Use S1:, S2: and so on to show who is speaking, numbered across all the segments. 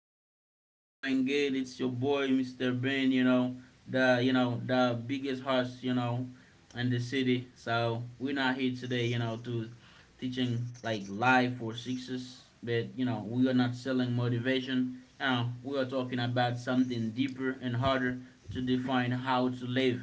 S1: everybody's doing good. It's your boy, Mr. Ben. The biggest horse in the city. So we're not here today to teaching like life or success. But we are not selling motivation. We are talking about something deeper and harder to define how to live.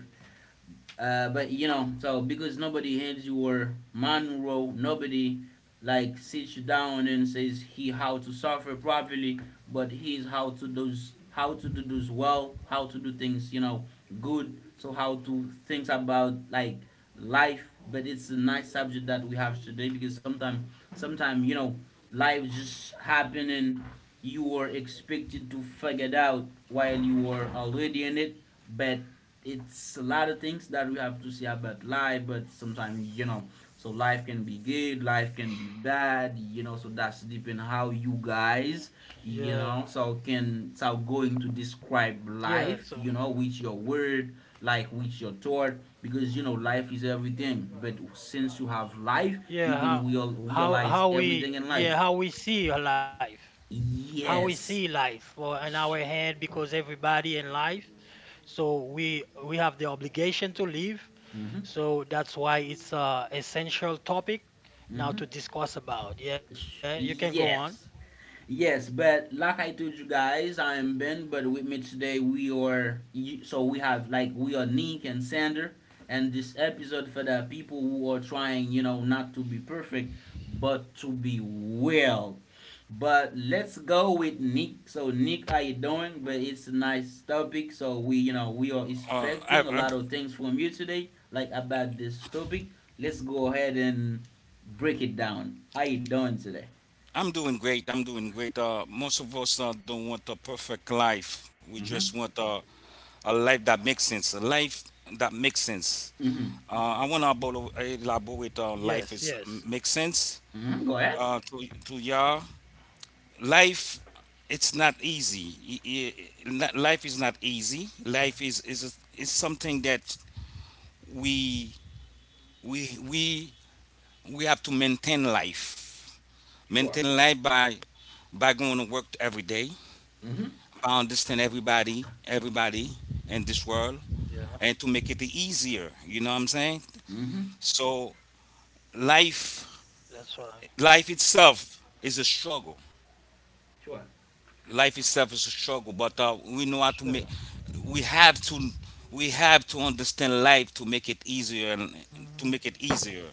S1: But so because nobody hands you your manual, nobody like sits you down and says he how to suffer properly, but he's how to do this well, how to do things good. So how to think about like life. But it's a nice subject that we have today because sometimes life just happen, and you were expected to figure it out while you were already in it. But it's a lot of things that we have to say about life. But sometimes, so life can be good, life can be bad, so that's depend how you guys
S2: Yeah,
S1: so can so going to describe
S2: yeah.
S1: life
S2: So
S1: with your word, like with your thought, because life is everything. But since you have life, you
S2: yeah,
S1: can
S2: how how
S1: realize
S2: how
S1: everything in
S2: we
S1: life.
S2: yeah how we see our life, how we
S1: Yes.
S2: see life, well, in our head because everybody in life. So we have the obligation to live.
S1: Mm-hmm.
S2: So that's why it's a essential topic
S1: Mm-hmm.
S2: now to discuss about. Yeah, you can go on.
S1: Yes. Yes, but like I told you guys, I am Ben, but with me today we are so we have like we are Nick and Sander, and this episode for the people who are trying not to be perfect, but to be well. But let's go with Nick. So Nick, how you doing? But it's a nice topic, so we are
S3: Uh, I,
S1: expecting a
S3: I,
S1: lot of things from you today, like about this topic. Let's go ahead and break it down. How you doing today?
S3: I'm doing great. I'm doing great. Most of us don't want a perfect life. We
S1: Mm-hmm.
S3: just want a life that makes sense. A life that makes sense.
S1: Mm-hmm.
S3: I want to elaborate on
S2: Yes,
S3: life is
S2: yes.
S3: makes sense
S1: Mhm, go ahead.
S3: to y'all. Life, it's not easy. Life is not easy. Life is something that we we we we have to maintain life.
S1: Sure.
S3: Maintain life by going to work every day
S1: Mm-hmm.
S3: to understand everybody, in this
S2: Yeah,
S3: world, and to make it easier. You know what I'm saying?
S1: Mm-hmm.
S3: So life,
S2: that's right.
S3: life itself is a struggle.
S1: Sure.
S3: Life itself is a struggle, but we know how to
S2: Sure.
S3: make. We have to, We have to understand life to make it easier and to make it easier.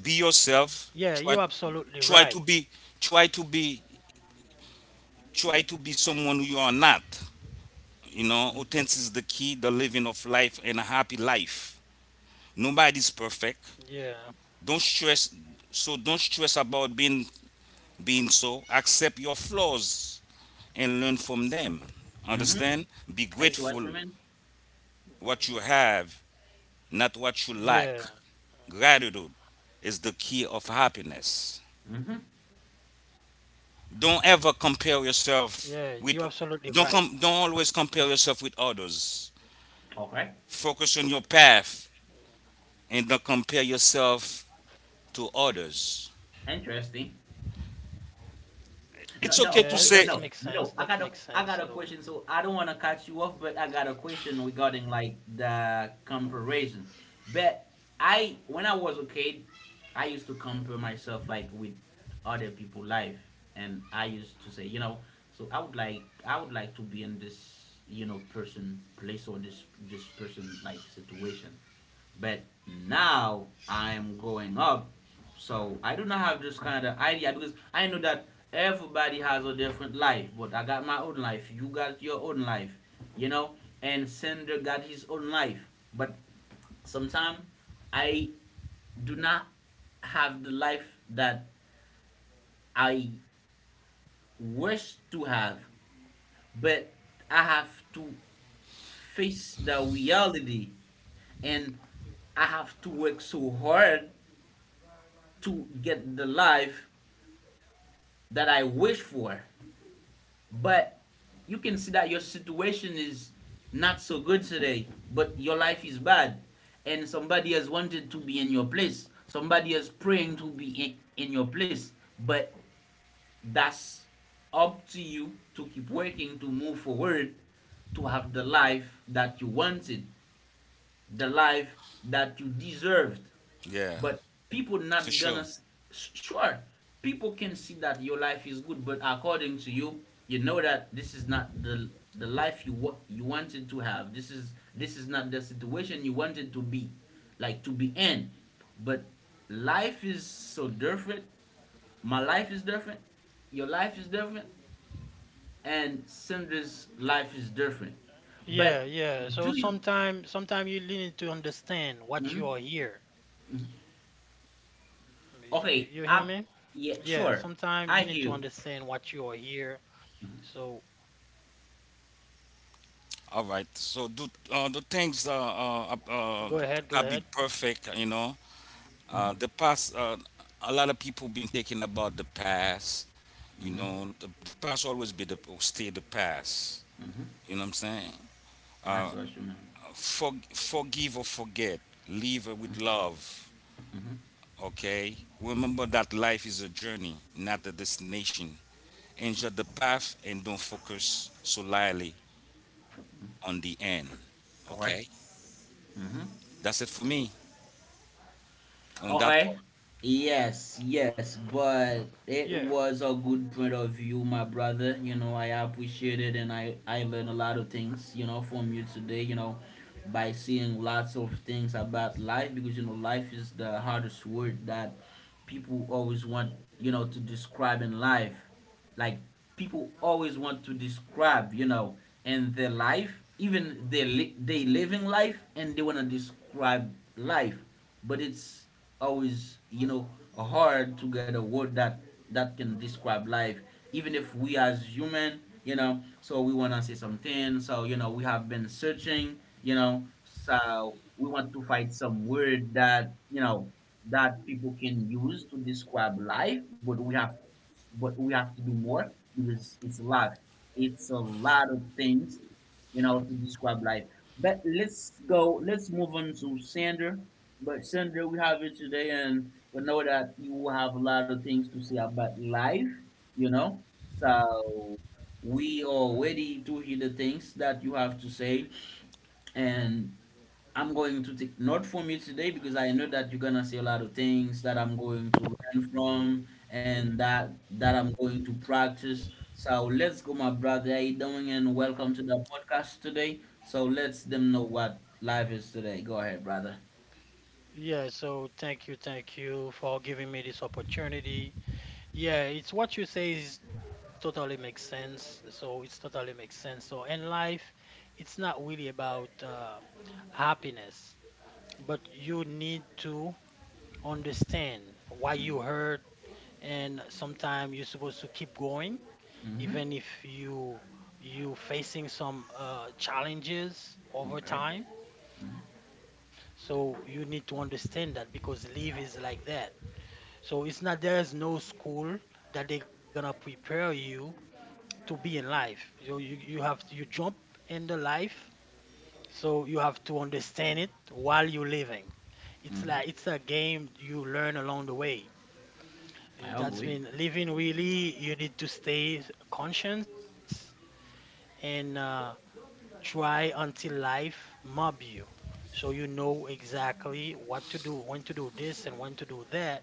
S3: Be yourself.
S2: Yeah, you're absolutely
S3: Try
S2: right.
S3: to be, try to be, try to be someone who you are not. You know, authentic is the key, the living of life and a happy life. Nobody's perfect.
S2: Yeah,
S3: Don't stress. So don't stress about being so. Accept your flaws and learn from them.
S1: Mm-hmm.
S3: Understand? Be
S1: I see what
S3: grateful
S1: you mean.
S3: what you have, not what you lack.
S2: yeah,
S3: Gratitude is the key of happiness.
S1: Mm-hmm.
S3: Don't ever compare
S2: yeah.
S3: yourself
S2: You're
S3: with
S2: absolutely right.
S3: don't com- Don't always compare yourself with others.
S1: Okay.
S3: Focus on your path and don't compare yourself to others.
S1: Interesting.
S2: Yeah,
S1: No,
S3: It's okay
S2: that
S1: no,
S3: to
S2: makes
S1: okay,
S3: say
S2: sense.
S1: no,
S2: That makes
S1: no. I got
S2: sense.
S1: a,
S2: So.
S1: I got a question. So I don't want to cut you off, but I got a question regarding like the comparison. But when I was a kid, I used to compare myself like with other people' life, and I used to say so I would like to be in this person, place or this person like situation. But now I am going up, so I do not have this kind of idea because I know that everybody has a different life. But I got my own life. You got your own life, you know. And Sender got his own life. But sometimes I do not have the life that I wish to have, but I have to face the reality and I have to work so hard to get the life that I wish for. But you can see that your situation is not so good today, but your life is bad. And somebody has wanted to be in your place. Somebody is praying to be in your place. But that's up to you to keep working, to move forward, to have the life that you wanted, the life that you deserved.
S3: yeah,
S1: But people
S3: for
S1: not
S3: sure.
S1: gonna. Sure, people can see that your life is good, but according to you, you know that this is not the life you wanted to have. This is not the situation you wanted to be, like to be in. But life is so different. My life is different. Your life is different, and Cinder's life is
S2: Yeah,
S1: different.
S2: yeah. So
S1: But
S2: sometime
S1: do
S2: sometime
S1: you
S2: you really need to understand what you are here. You hear me?
S1: Okay? Up,
S2: Yeah,
S1: yeah,
S2: sometime
S1: sure.
S2: you need to
S1: I hear
S2: understand
S1: you.
S2: what you are here. So
S3: All right. So do the things
S2: go ahead, go
S3: that
S2: ahead.
S3: be perfect, you know. The past, a lot of people been thinking about the past. You
S1: Hmm.
S3: know, the past always be the stay the past.
S1: Hmm.
S3: You know what I'm saying?
S1: That's
S3: Uh,
S1: what you mean.
S3: Forgive or forget. Live with love.
S1: Mm-hmm.
S3: Okay. Remember that life is a journey, not a destination. Enjoy the path and don't focus solely on the end.
S1: Okay.
S3: Okay.
S1: Mhm.
S3: That's it for me on that
S1: Okay.
S3: part.
S1: Yes, yes, but it
S2: Yeah.
S1: was a good point of view, my brother. I appreciate it, and I learned a lot of things from you today by seeing lots of things about life because life is the hardest word that people always want to describe in life. Like people always want to describe in their life, even they living life, and they want to describe life. But it's always hard to get a word that can describe life. Even if we as human, so we want to say something. So we have been searching, so we want to find some word that you know that people can use to describe life. But we have to do more because it's a lot. It's a lot of things to describe life. But let's go. Let's move on to Sandra. But Sandra, we have you today, and we know that you have a lot of things to say about life. You know, so we are ready to hear the things that you have to say, and I'm going to take note from you today because I know that you're gonna say a lot of things that I'm going to learn from and that I'm going to practice. So let's go, my brother. How you doing? And welcome to the podcast today. So let's them know what life is today. Go ahead, brother.
S2: Yeah, so thank you for giving me this opportunity. Yeah, it's what you say is totally makes sense. So it's totally makes sense. So in life, it's not really about happiness, but you need to understand why you hurt,
S1: Mm-hmm.
S2: and sometimes you're supposed to keep going
S1: Mm-hmm.
S2: even if you facing some challenges over
S1: Okay.
S2: time. So you need to understand that, because leave is like that. So it's not, there's no school that they're gonna prepare you to be in life. So you jump in the life, so you have to understand it while you're living. It's like, it's
S1: Mm-hmm.
S2: a game, you learn along the way. Eh,
S1: I
S2: that's mean
S1: agree.
S2: living really, you need to stay conscious and try until life mob you. So you know exactly what to do, when to do this and when to do that,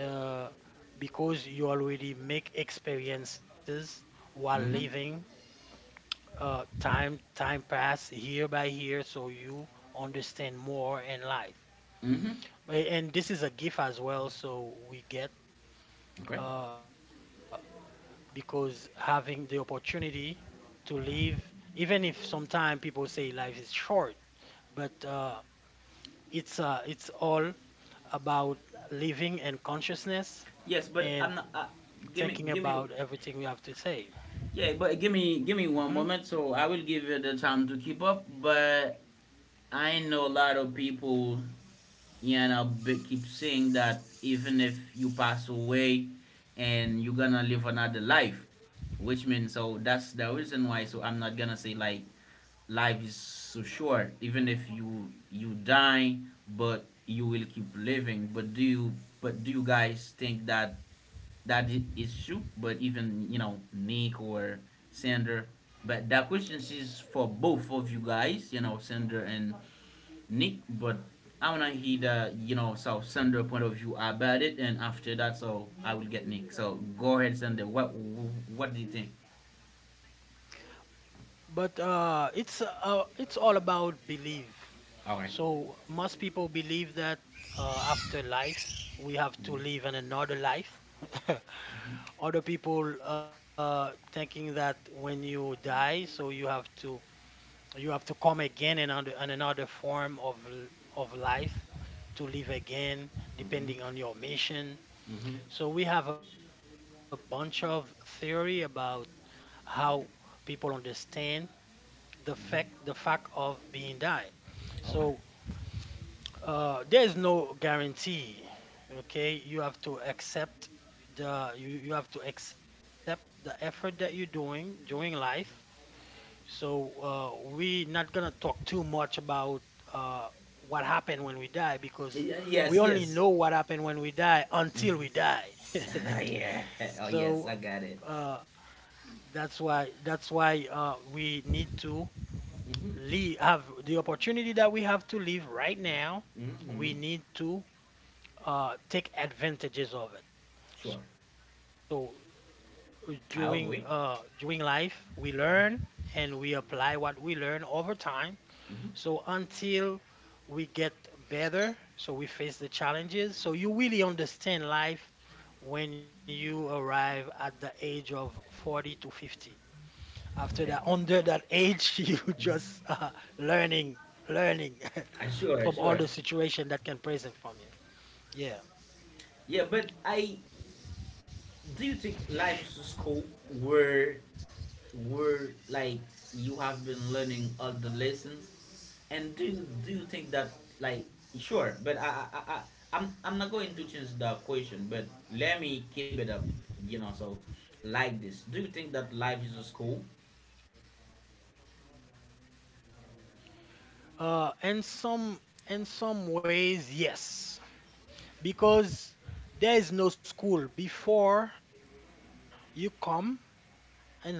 S2: uh, because you already make experiences while
S1: Mm-hmm.
S2: living. Time pass year by year, so you understand more in life.
S1: Mm-hmm.
S2: And this is a gift as well, so we get,
S1: Okay.
S2: uh, because having the opportunity to live, even if sometimes people say life is short, but it's all about living and
S1: Yes,
S2: consciousness,
S1: but I'm not. Uh,
S2: and
S1: give me, give me
S2: thinking about everything we have to
S1: Yeah,
S2: say.
S1: but give me
S2: hmm
S1: one moment, so I will give you the time to keep up. But I know a lot of people, keep saying that even if you pass away, and you're gonna live another life, which means so that's the reason why. So I'm not gonna say like life is so short. Even if you die, but you will keep living. But do you guys think that is true, but even Nick or Sander. But that question is for both of you guys, you know Sander and Nick. But I wanna hear the Sander point of view about it, and after that, so I will get Nick. So go ahead, Sander. What do you think?
S2: but it's all about belief.
S1: All right.
S2: So most people believe that after life we have
S1: Mm-hmm.
S2: to live in another life. Other people thinking that when you die, so you have to come again in, in another form of of life, to live again,
S1: Mm-hmm.
S2: depending on your mission.
S1: Mm-hmm.
S2: So we have a bunch of theory about how people understand the fact the
S1: Mm-hmm.
S2: fact of being died.
S1: Okay.
S2: So there's no guarantee. Okay, you have to accept the effort that you're doing during life. So we not gonna talk too much about uh, what happened when we die, because we
S1: Yes,
S2: only
S1: yes.
S2: know what happened when we die until we
S1: Mm-hmm.
S2: die.
S1: Yeah. Oh yes, I
S2: So
S1: got it.
S2: that's why we need to
S1: Mm-hmm.
S2: leave, have the opportunity that we have to live right now.
S1: Mm-hmm.
S2: We need to take advantages of it.
S1: Sure.
S2: So uh, during uh,
S1: I'll agree.
S2: during life, we learn, and we apply what we learn over time. So
S1: Mm-hmm.
S2: until we get better, so we face the challenges, so you really understand life when you arrive at the age of 40 to 50. After that,
S1: Okay.
S2: under that age, you just
S1: Mm-hmm.
S2: learning, learning from
S1: Sure,
S2: all
S1: sure.
S2: the situation that can present from you. Yeah.
S1: Yeah, but I do you think life is a school where where like you have been learning all the lessons? And do you think that, like, sure, but I'm not going to change the question, but let me keep it up so like this. Do you think that life is a school?
S2: And some in some ways, yes, because there is no school before you come in life.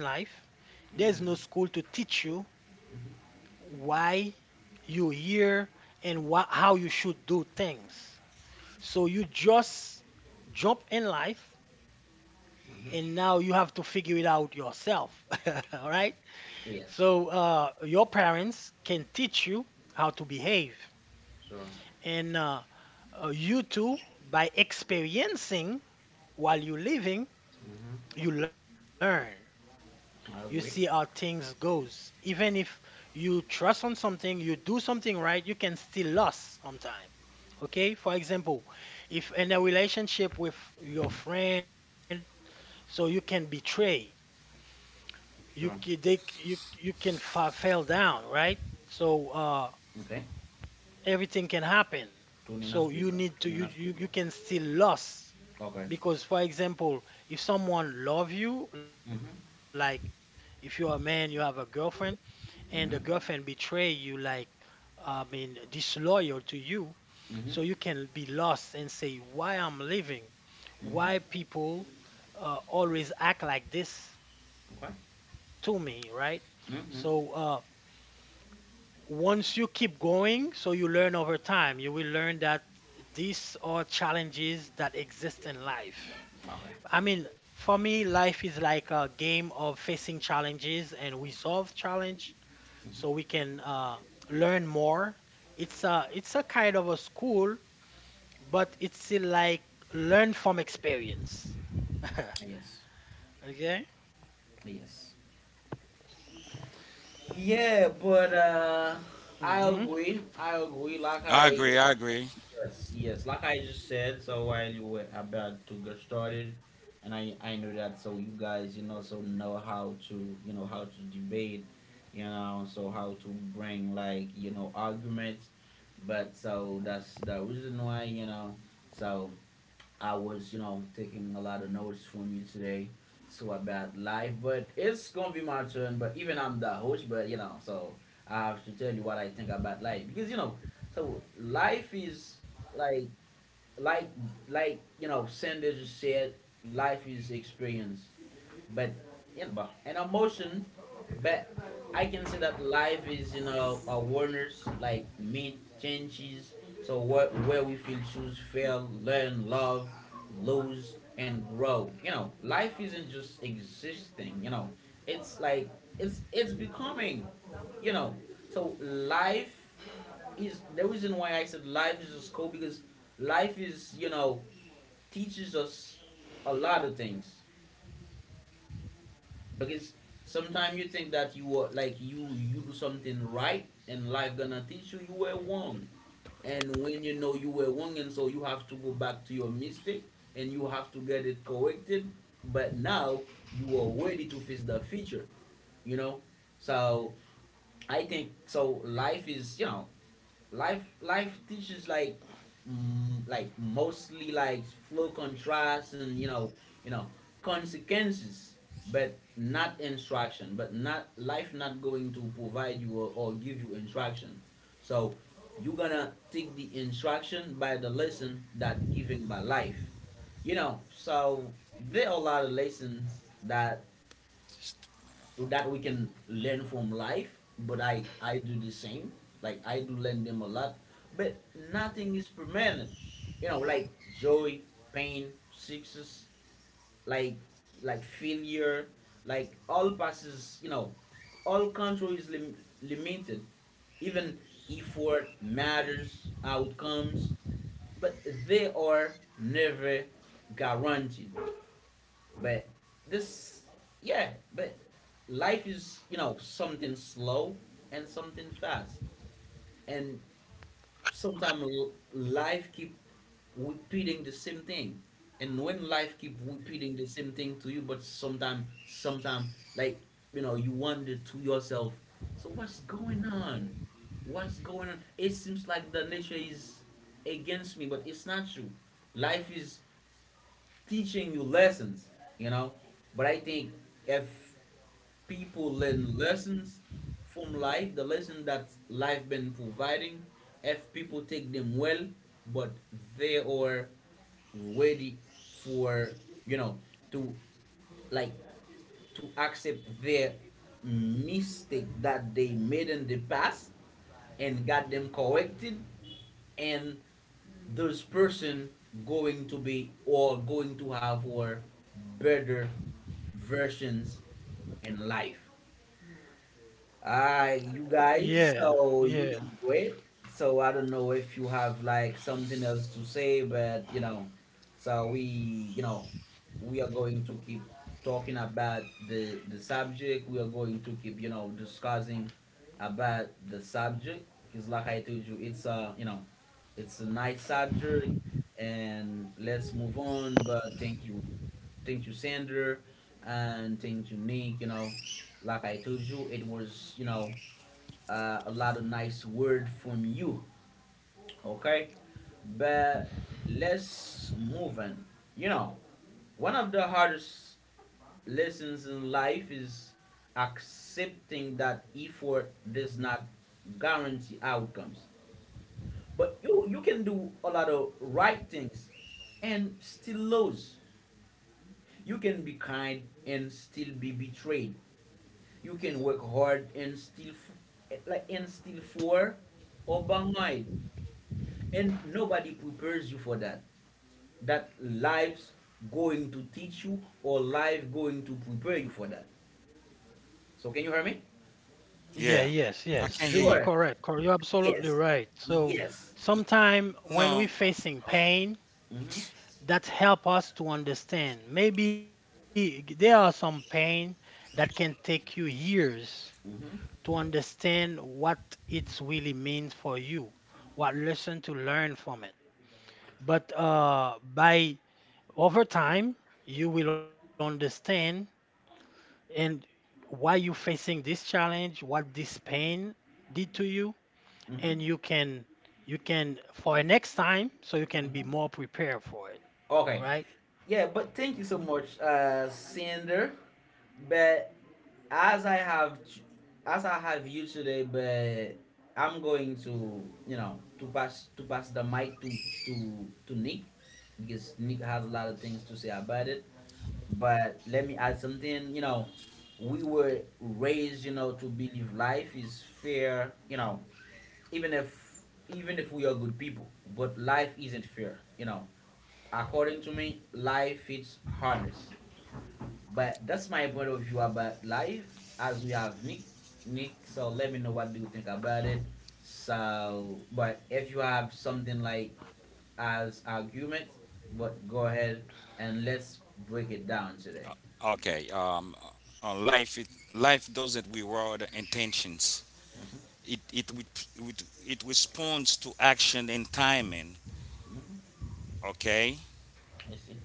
S2: There's no school to
S1: Mm-hmm.
S2: teach you why you here and how you should do things. So you just jump in life, and now you have to
S1: Mm-hmm.
S2: figure it out yourself. All right. So
S1: Yes.
S2: your parents can teach you how to behave.
S1: Sure.
S2: And you too, by experiencing while you're living, you
S1: Mm-hmm.
S2: learn. You see how
S1: I agree.
S2: things goes. Even if you trust on something, you do something right, you can still lose sometimes. Okay, for example, if in a relationship with your friend, so you can betray,
S1: Sure.
S2: you can fall down, right? So
S1: Okay.
S2: everything can happen. So
S1: Tunina
S2: you
S1: Scribbler.
S2: need to you
S1: Tunina
S2: you, you
S1: Scribbler.
S2: can still lose
S1: Okay.
S2: because, for example, if someone love you, like,
S1: Mm-hmm.
S2: if you're a man, you have a girlfriend, and the girlfriend
S1: Mhm.
S2: betray you, like, I mean, disloyal to you, so you
S1: Mhm.
S2: can be lost and say, why I'm leaving? Why
S1: Mhm.
S2: people always act like this to
S1: Okay.
S2: me, right? So
S1: Mhm.
S2: once you keep going, so you learn over time, you will learn that these are challenges that exist in life. I
S1: Okay.
S2: mean, for me, life is like a game of facing challenges, and we solve challenge so we
S1: Mhm.
S2: can learn more. It's a kind of a school, but it's still like learn from experience.
S1: Yes.
S2: Okay.
S1: Yes. Yeah, but
S2: Mm-hmm.
S1: I agree. I agree. Like
S3: I
S1: I,
S3: agree. I
S1: like,
S3: agree.
S1: yes, yes. Like I just said. So while you were about to get started, and I know that. So you guys so know how to how to debate so how to bring like arguments. But so that's the reason why. So I was taking a lot of notes from you today. So about life, but it's gonna be my turn. But even I'm the host, but so I have to tell you what I think about life because so life is like like like Sanders said, life is experience, but an emotion. But I can say that life is awareness, like meet changes. So where we feel, choose, fail, learn, love, lose, and grow. Life isn't just existing. It's like it's becoming. You know, so life is the reason why I said life is a school because life is teaches us a lot of things, because sometimes you think that you are like you do something right, and life gonna teach you you were wrong. And when you know you were wrong, and so you have to go back to your mistake, and you have to get it corrected. But now you are ready to face the future, you know so I think so. Life is life teaches like like mostly like flow contrast, and you know consequences, but not instruction. But not life not going to provide you or give you instruction. So you're gonna take the instruction by the lesson that given by life so there are a lot of lessons that we can learn from life, but I do the same, like I do learn them a lot. But nothing is permanent, you know, like joy, pain, success, like like failure, like all passes, you know. All control is limited. Even effort matters outcomes, but they are never guaranteed. But this, yeah, but life is, something slow and something fast. And sometimes life keep repeating the same thing. And when life keep repeating the same thing to you, but sometimes, like, you wonder to yourself, so what's going on? What's going on? It seems like the nature is against me, but it's not true. Life is teaching you lessons, you know. But I think if people learn lessons from life, the lesson that life been providing, if people take them well, but they are ready for you know to, like, to accept their mistake that they made in the past and got them corrected, and this person going to be or going to have or better versions in life. You guys,
S2: Yeah,
S1: so you
S2: yeah,
S1: did great. So I don't know if you have like something else to say, but so we, we are going to keep talking about the subject. We are going to keep, discussing about the subject because, like I told you, it's a nice subject, and let's move on. But thank you. Thank you, Sander, and thank you, Nick. Like I told you, it was a lot of nice word from you. Okay, but let's move on. You know, One of the hardest lessons in life is accepting that effort does not guarantee outcomes. But you can do a lot of right things and still lose. You can be kind and still be betrayed. You can work hard and still like and still for or behind. And nobody prepares you for that. That life's going to teach you or life going to prepare you for that. So can you hear me?
S2: yeah,
S3: Yeah,
S2: yes,
S3: I
S2: yes.
S3: can't hear
S2: You're
S3: you.
S1: Sure.
S2: correct. You're absolutely
S1: Yes.
S2: right. So
S1: Yes.
S2: sometime when
S3: No.
S2: we're facing
S3: Oh,
S2: pain,
S1: Mm-hmm.
S2: that help us to understand. Maybe there are some pain that can take you years
S1: Mm-hmm.
S2: to understand what it really means for you, what lesson to learn from it. But by over time, you will understand, and why you facing this challenge, what this pain did to you, and
S1: Mm-hmm.
S2: you can for a next time so you can be
S1: Mm-hmm.
S2: more prepared for it,
S1: Okay.
S2: right?
S1: Yeah, but thank you so
S2: Hmm.
S1: much, Cinder. But as I have, as I have you today, but I'm going to, to pass the mic to to Nick because Nick has a lot of things to say about it. But let me add something. We were raised, to believe life is fair. Even if even if we are good people, but life isn't fair. According to me, life is harness. But that's my point of view about life. As we have Nick. So let me know what do you think about it. So, but if you have something like as argument, but go ahead and let's break it down today.
S3: okay. Life it, life doesn't reward intentions.
S1: Hmm.
S3: It it re- it It responds to action and timing.
S1: Hmm.
S3: Okay.
S1: I see.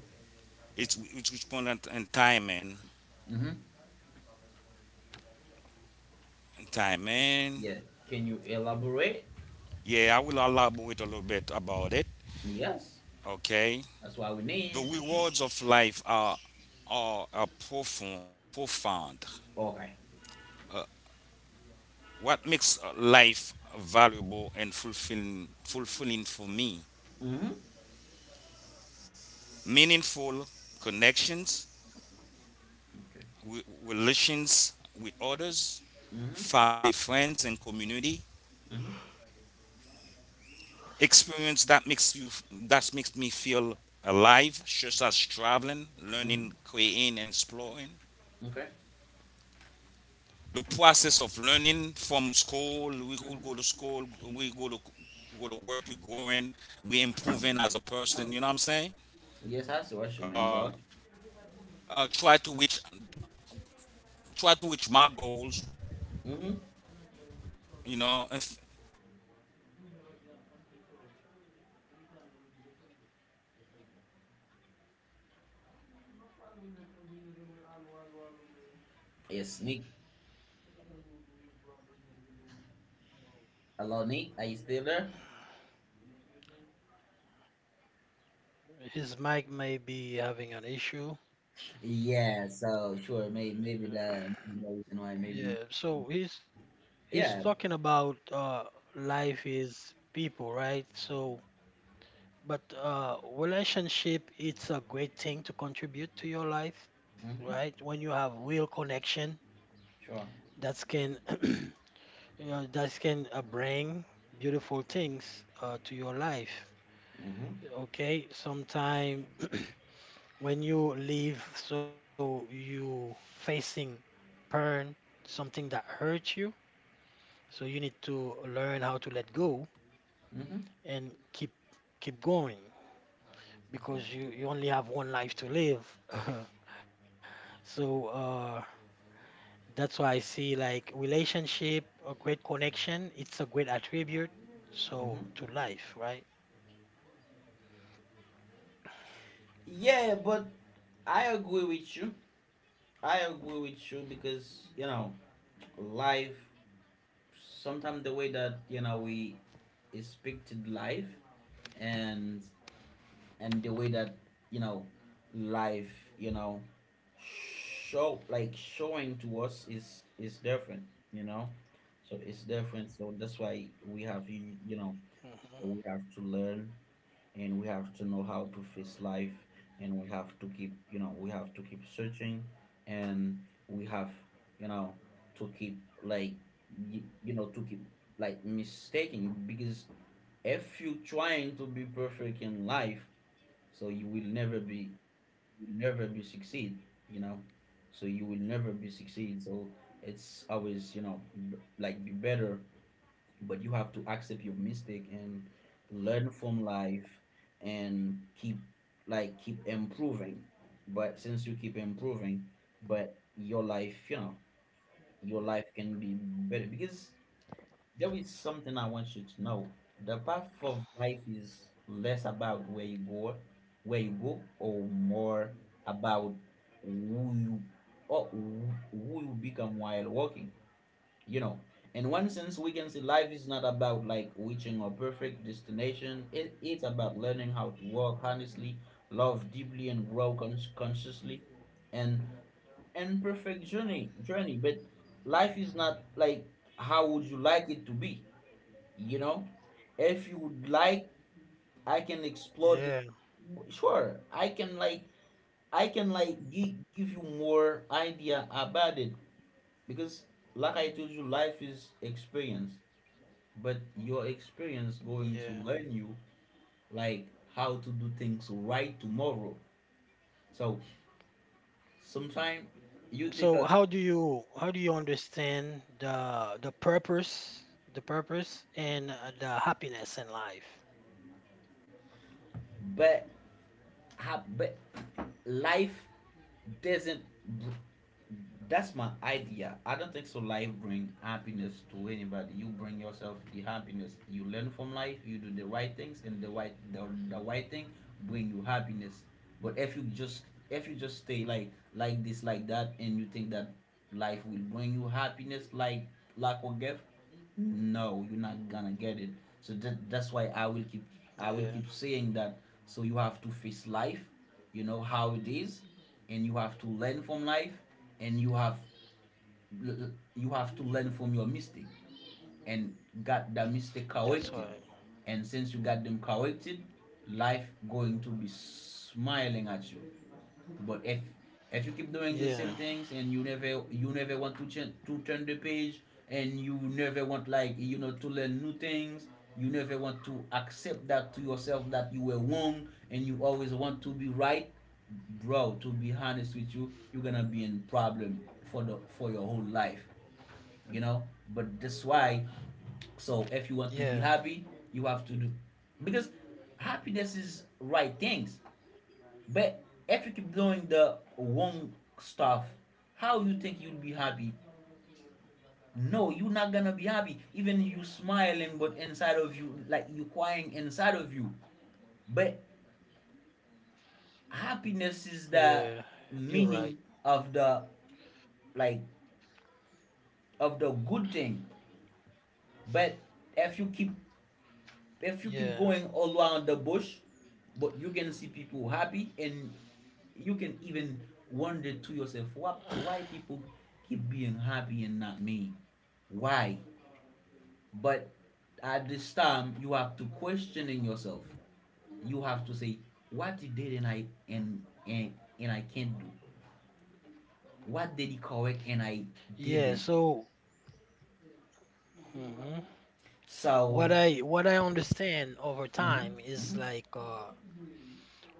S3: It responds and
S1: Hmm.
S3: timing.
S1: Yeah. Can you elaborate?
S3: Yeah, I will elaborate a little bit about it.
S1: Yes.
S3: Okay.
S1: That's what we
S3: The
S1: need.
S3: rewards of life are are profound.
S1: Okay.
S3: uh, What makes life valuable and fulfilling for me?
S1: Mm-hmm.
S3: Meaningful connections,
S1: Okay.
S3: relations with others,
S1: Mm-hmm.
S3: family, friends, and community.
S1: Mm-hmm.
S3: Experience that makes you That makes me feel alive, such as traveling,
S1: Mm-hmm.
S3: learning, creating, and exploring.
S1: Okay.
S3: The process of learning from school, we could go to
S1: Mm-hmm.
S3: school, we go to work, you're growing, we improving as a person. You know what I'm saying?
S1: Yes, I swear you, man,
S3: Uh,
S1: bro.
S3: uh, try to reach Try to reach my goals,
S1: Mm-hmm.
S3: you know, and I'm trying to accomplish.
S1: It's Nick. Hello, Nick. Are you still there?
S2: His mic may be having an issue.
S1: Yeah. So sure, maybe that the reason why
S2: Yeah,
S1: maybe.
S2: so he's talking
S1: Yeah.
S2: about life is people, right? So, but relationship, it's a great thing to contribute to your life, right?
S1: Mm-hmm.
S2: When you have real connection
S1: Sure.
S2: that can that can bring beautiful things to your life.
S1: Mm-hmm.
S2: Okay, sometime when you leave, so you facing burn, something that hurts you, so you need to learn how to let go
S1: Mm-hmm.
S2: and keep going,
S1: Sure.
S2: because you only have one life to live. So that's why I see like relationship, a great connection, it's a great attribute, so to
S1: Mm-hmm.
S2: life, right?
S1: Yeah, but I agree with you. I agree with you because life. Sometimes the way that we speak to life, and and the way that you know life you know show, like showing to us, is different, you know so it's different, so that's why we have you, you know
S2: Mhm.
S1: so we have to learn, and we have to know how to face life, and we have to keep, we have to keep searching, and we have, you know to keep, like, to keep, like, mistaking because if you trying to be perfect in life, so you will never be succeed, you know so you will never be succeed, so it's always like be better. But you have to accept your mistake and learn from life and keep improving. But since you keep improving, but your life can be better because there is something I want you to know. The path of life is less about where you go, or more about who you or who who you become while walking. You know, in one sense, we can see life is not about like reaching a perfect destination. It's about learning how to walk honestly, love deeply, and grow consciously. And imperfect journey, but life is not like how would you like it to be, you know if you would like I can explore this.
S2: Yeah,
S1: Sure, I can like give you more idea about it because, like I told you, life is experience, but your experience going to learn
S2: yeah.
S1: you like how to do things right tomorrow. So sometimes you take
S2: So
S1: a
S2: how do you understand the purpose, the purpose and the happiness in life?
S1: bet but life doesn't. That's my idea. I don't think so. Life bring happiness to anybody. You bring yourself the happiness. You learn from life. You do the right things, and the right thing bring you happiness. But if you just stay like this like that, and you think that life will bring you happiness like lack of gift, no, you're not gonna get it, so that's why I will keep
S2: Yeah,
S1: saying that, so you have to face life, you know how it is, and you have to learn from life, and you have to learn from your mistake and got the mistake corrected.
S2: that's right.
S1: And since you got them corrected, life going to be smiling at you. But if you keep doing the same
S2: Yeah,
S1: things, and you never want to change to turn the page, and you never want, like, to learn new things. You never want to accept that to yourself that you were wrong, and you always want to be right. Bro, to be honest with you, you're gonna be in problem for the for your whole life, you know. But that's why, so if you want to
S2: yeah,
S1: be happy, you have to do because happiness is right things. But if you keep doing the wrong stuff, how you think you'll be happy? No, you're not gonna be happy. Even you smiling, but inside of you, like you crying inside of you. But happiness is the
S2: yeah.
S1: meaning
S2: You're right.
S1: of the, like, of the good thing. But if you keep if you
S2: Yeah,
S1: keep going all around the bush, but you can see people happy, and you can even wonder to yourself, what, why people keep being happy and not me? Why? But at this time, you have to question in yourself. You have to say, what he did and I can't do. What did he correct and I
S2: yeah.
S1: didn't?
S2: So. Mhm.
S1: So,
S2: What I understand over
S1: mm-hmm,
S2: time
S1: mm-hmm.
S2: is like,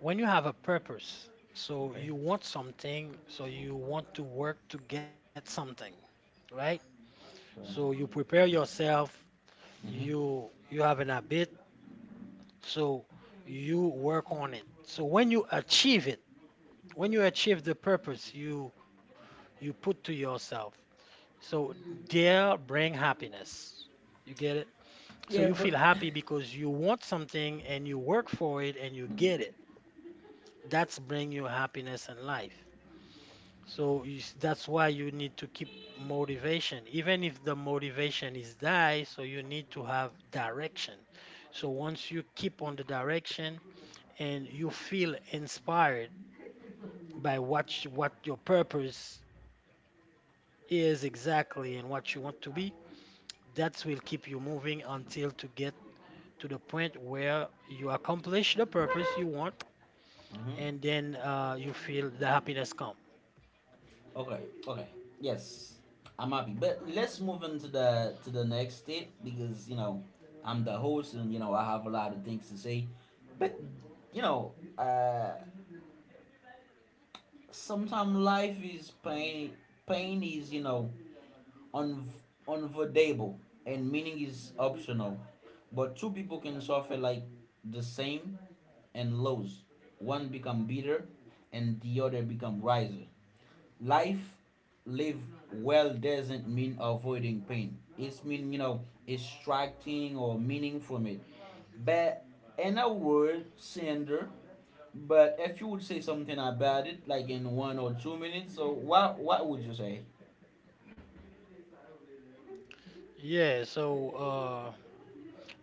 S2: when you have a purpose, so
S1: Okay,
S2: you want something, so you want to work to get something, right? So you
S1: sure.
S2: prepare yourself, you
S1: Mm-hmm.
S2: you have an habit, so you work on it. So when you achieve it, when you achieve the purpose you put to yourself, so there bring happiness. You get it? So you
S1: Yeah,
S2: feel
S1: but.
S2: happy because you want something and you work for it and you get it. That's bring you happiness in life. So is that's why you need to keep motivation, even if the motivation is die. So you need to have direction. So once you keep on the direction and you feel inspired by what your purpose is exactly and what you want to be, that will keep you moving until to get to the point where you accomplish the purpose you want,
S1: Mm-hmm.
S2: and then you feel the happiness come.
S1: Okay, okay. Yes, I'm happy. But let's move into the to the next state because I'm the host and I have a lot of things to say. But you know, uh, sometimes life is pain. Pain is you know un unavoidable, and meaning is optional. But two people can suffer like the same and lose. One become bitter and the other become wiser. Life live well doesn't mean avoiding pain. It's mean extracting or meaning from it. But in a word, Sandra. But if you would say something about it, like in 1 or 2 minutes, so what would you say?
S2: Yeah. So.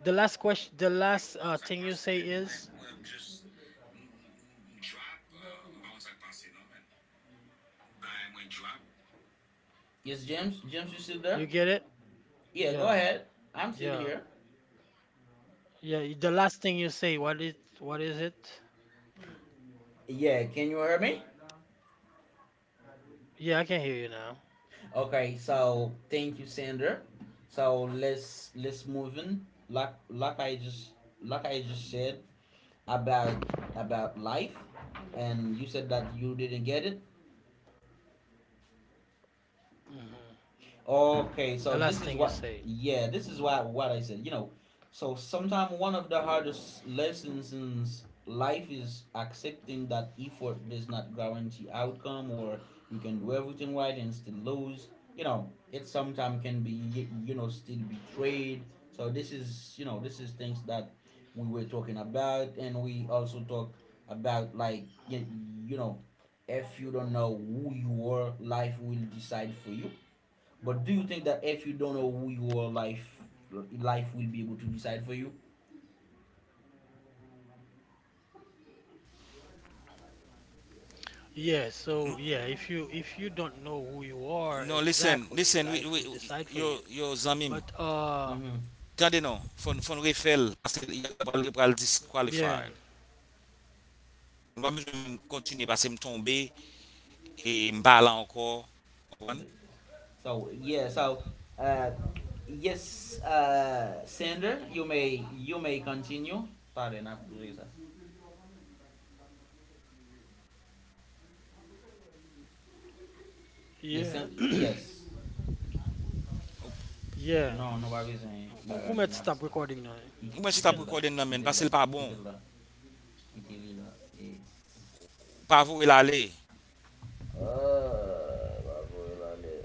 S2: The last question, the last thing you say is,
S1: Yes, James. James, you still
S2: you
S1: there?
S2: get it?
S1: Yeah, go
S2: Yeah,
S1: ahead. I'm still
S2: yeah,
S1: here.
S2: yeah. The last thing you say, what is it?
S1: Yeah, can you hear me?
S2: Yeah, I can hear you now.
S1: Okay, so thank you, Sandra. So let's move in. Like like I just like I just said, about life, and you said that you didn't get it.
S2: hmm
S1: Okay,
S2: The
S1: so
S2: last
S1: this is
S2: thing you
S1: what.
S2: say.
S1: Yeah, this is what I said. You know, so sometimes one of the hardest lessons in life is accepting that effort does not guarantee outcome, or you can do everything right and still lose. You know, it sometimes can be, you know, still betrayed. So this is, things that we were talking about, and we also talk about like you know if you don't know who you are, life will decide for you. But do you think that if you don't know who you are, life will be able to decide for you?
S2: Yeah, so yeah, if you don't know who you are exactly,
S3: Non,
S2: life will
S3: listen,
S2: decide
S3: listen,
S2: for
S3: oui,
S2: you.
S3: oui, oui, yo,
S2: But
S3: yo zanmim.
S1: Mm-hmm.
S3: Tande nou, fon refel, pase y a pral, y a pral
S2: yeah,
S3: disqualify. Mwen pa bezwen men kontine, pase m tombe, e m bala ankor, obran?
S1: So yeah, so uh, yes, Sander, you may continue. Pare na kuzi sa. Yes,
S2: yeah,
S1: Yes.
S2: yeah.
S1: No, no ba
S2: Who
S1: bizen
S2: Umed, stop
S1: bagali na
S2: recording now. You
S1: ki-
S2: can
S3: Mwen se tab
S1: kitilla
S3: rekorden nan men, pase
S1: kitilla
S3: l pa bon,
S1: kitilla kitilla. Eh.
S3: pa vou el ale,
S1: Ah, baboy lan de.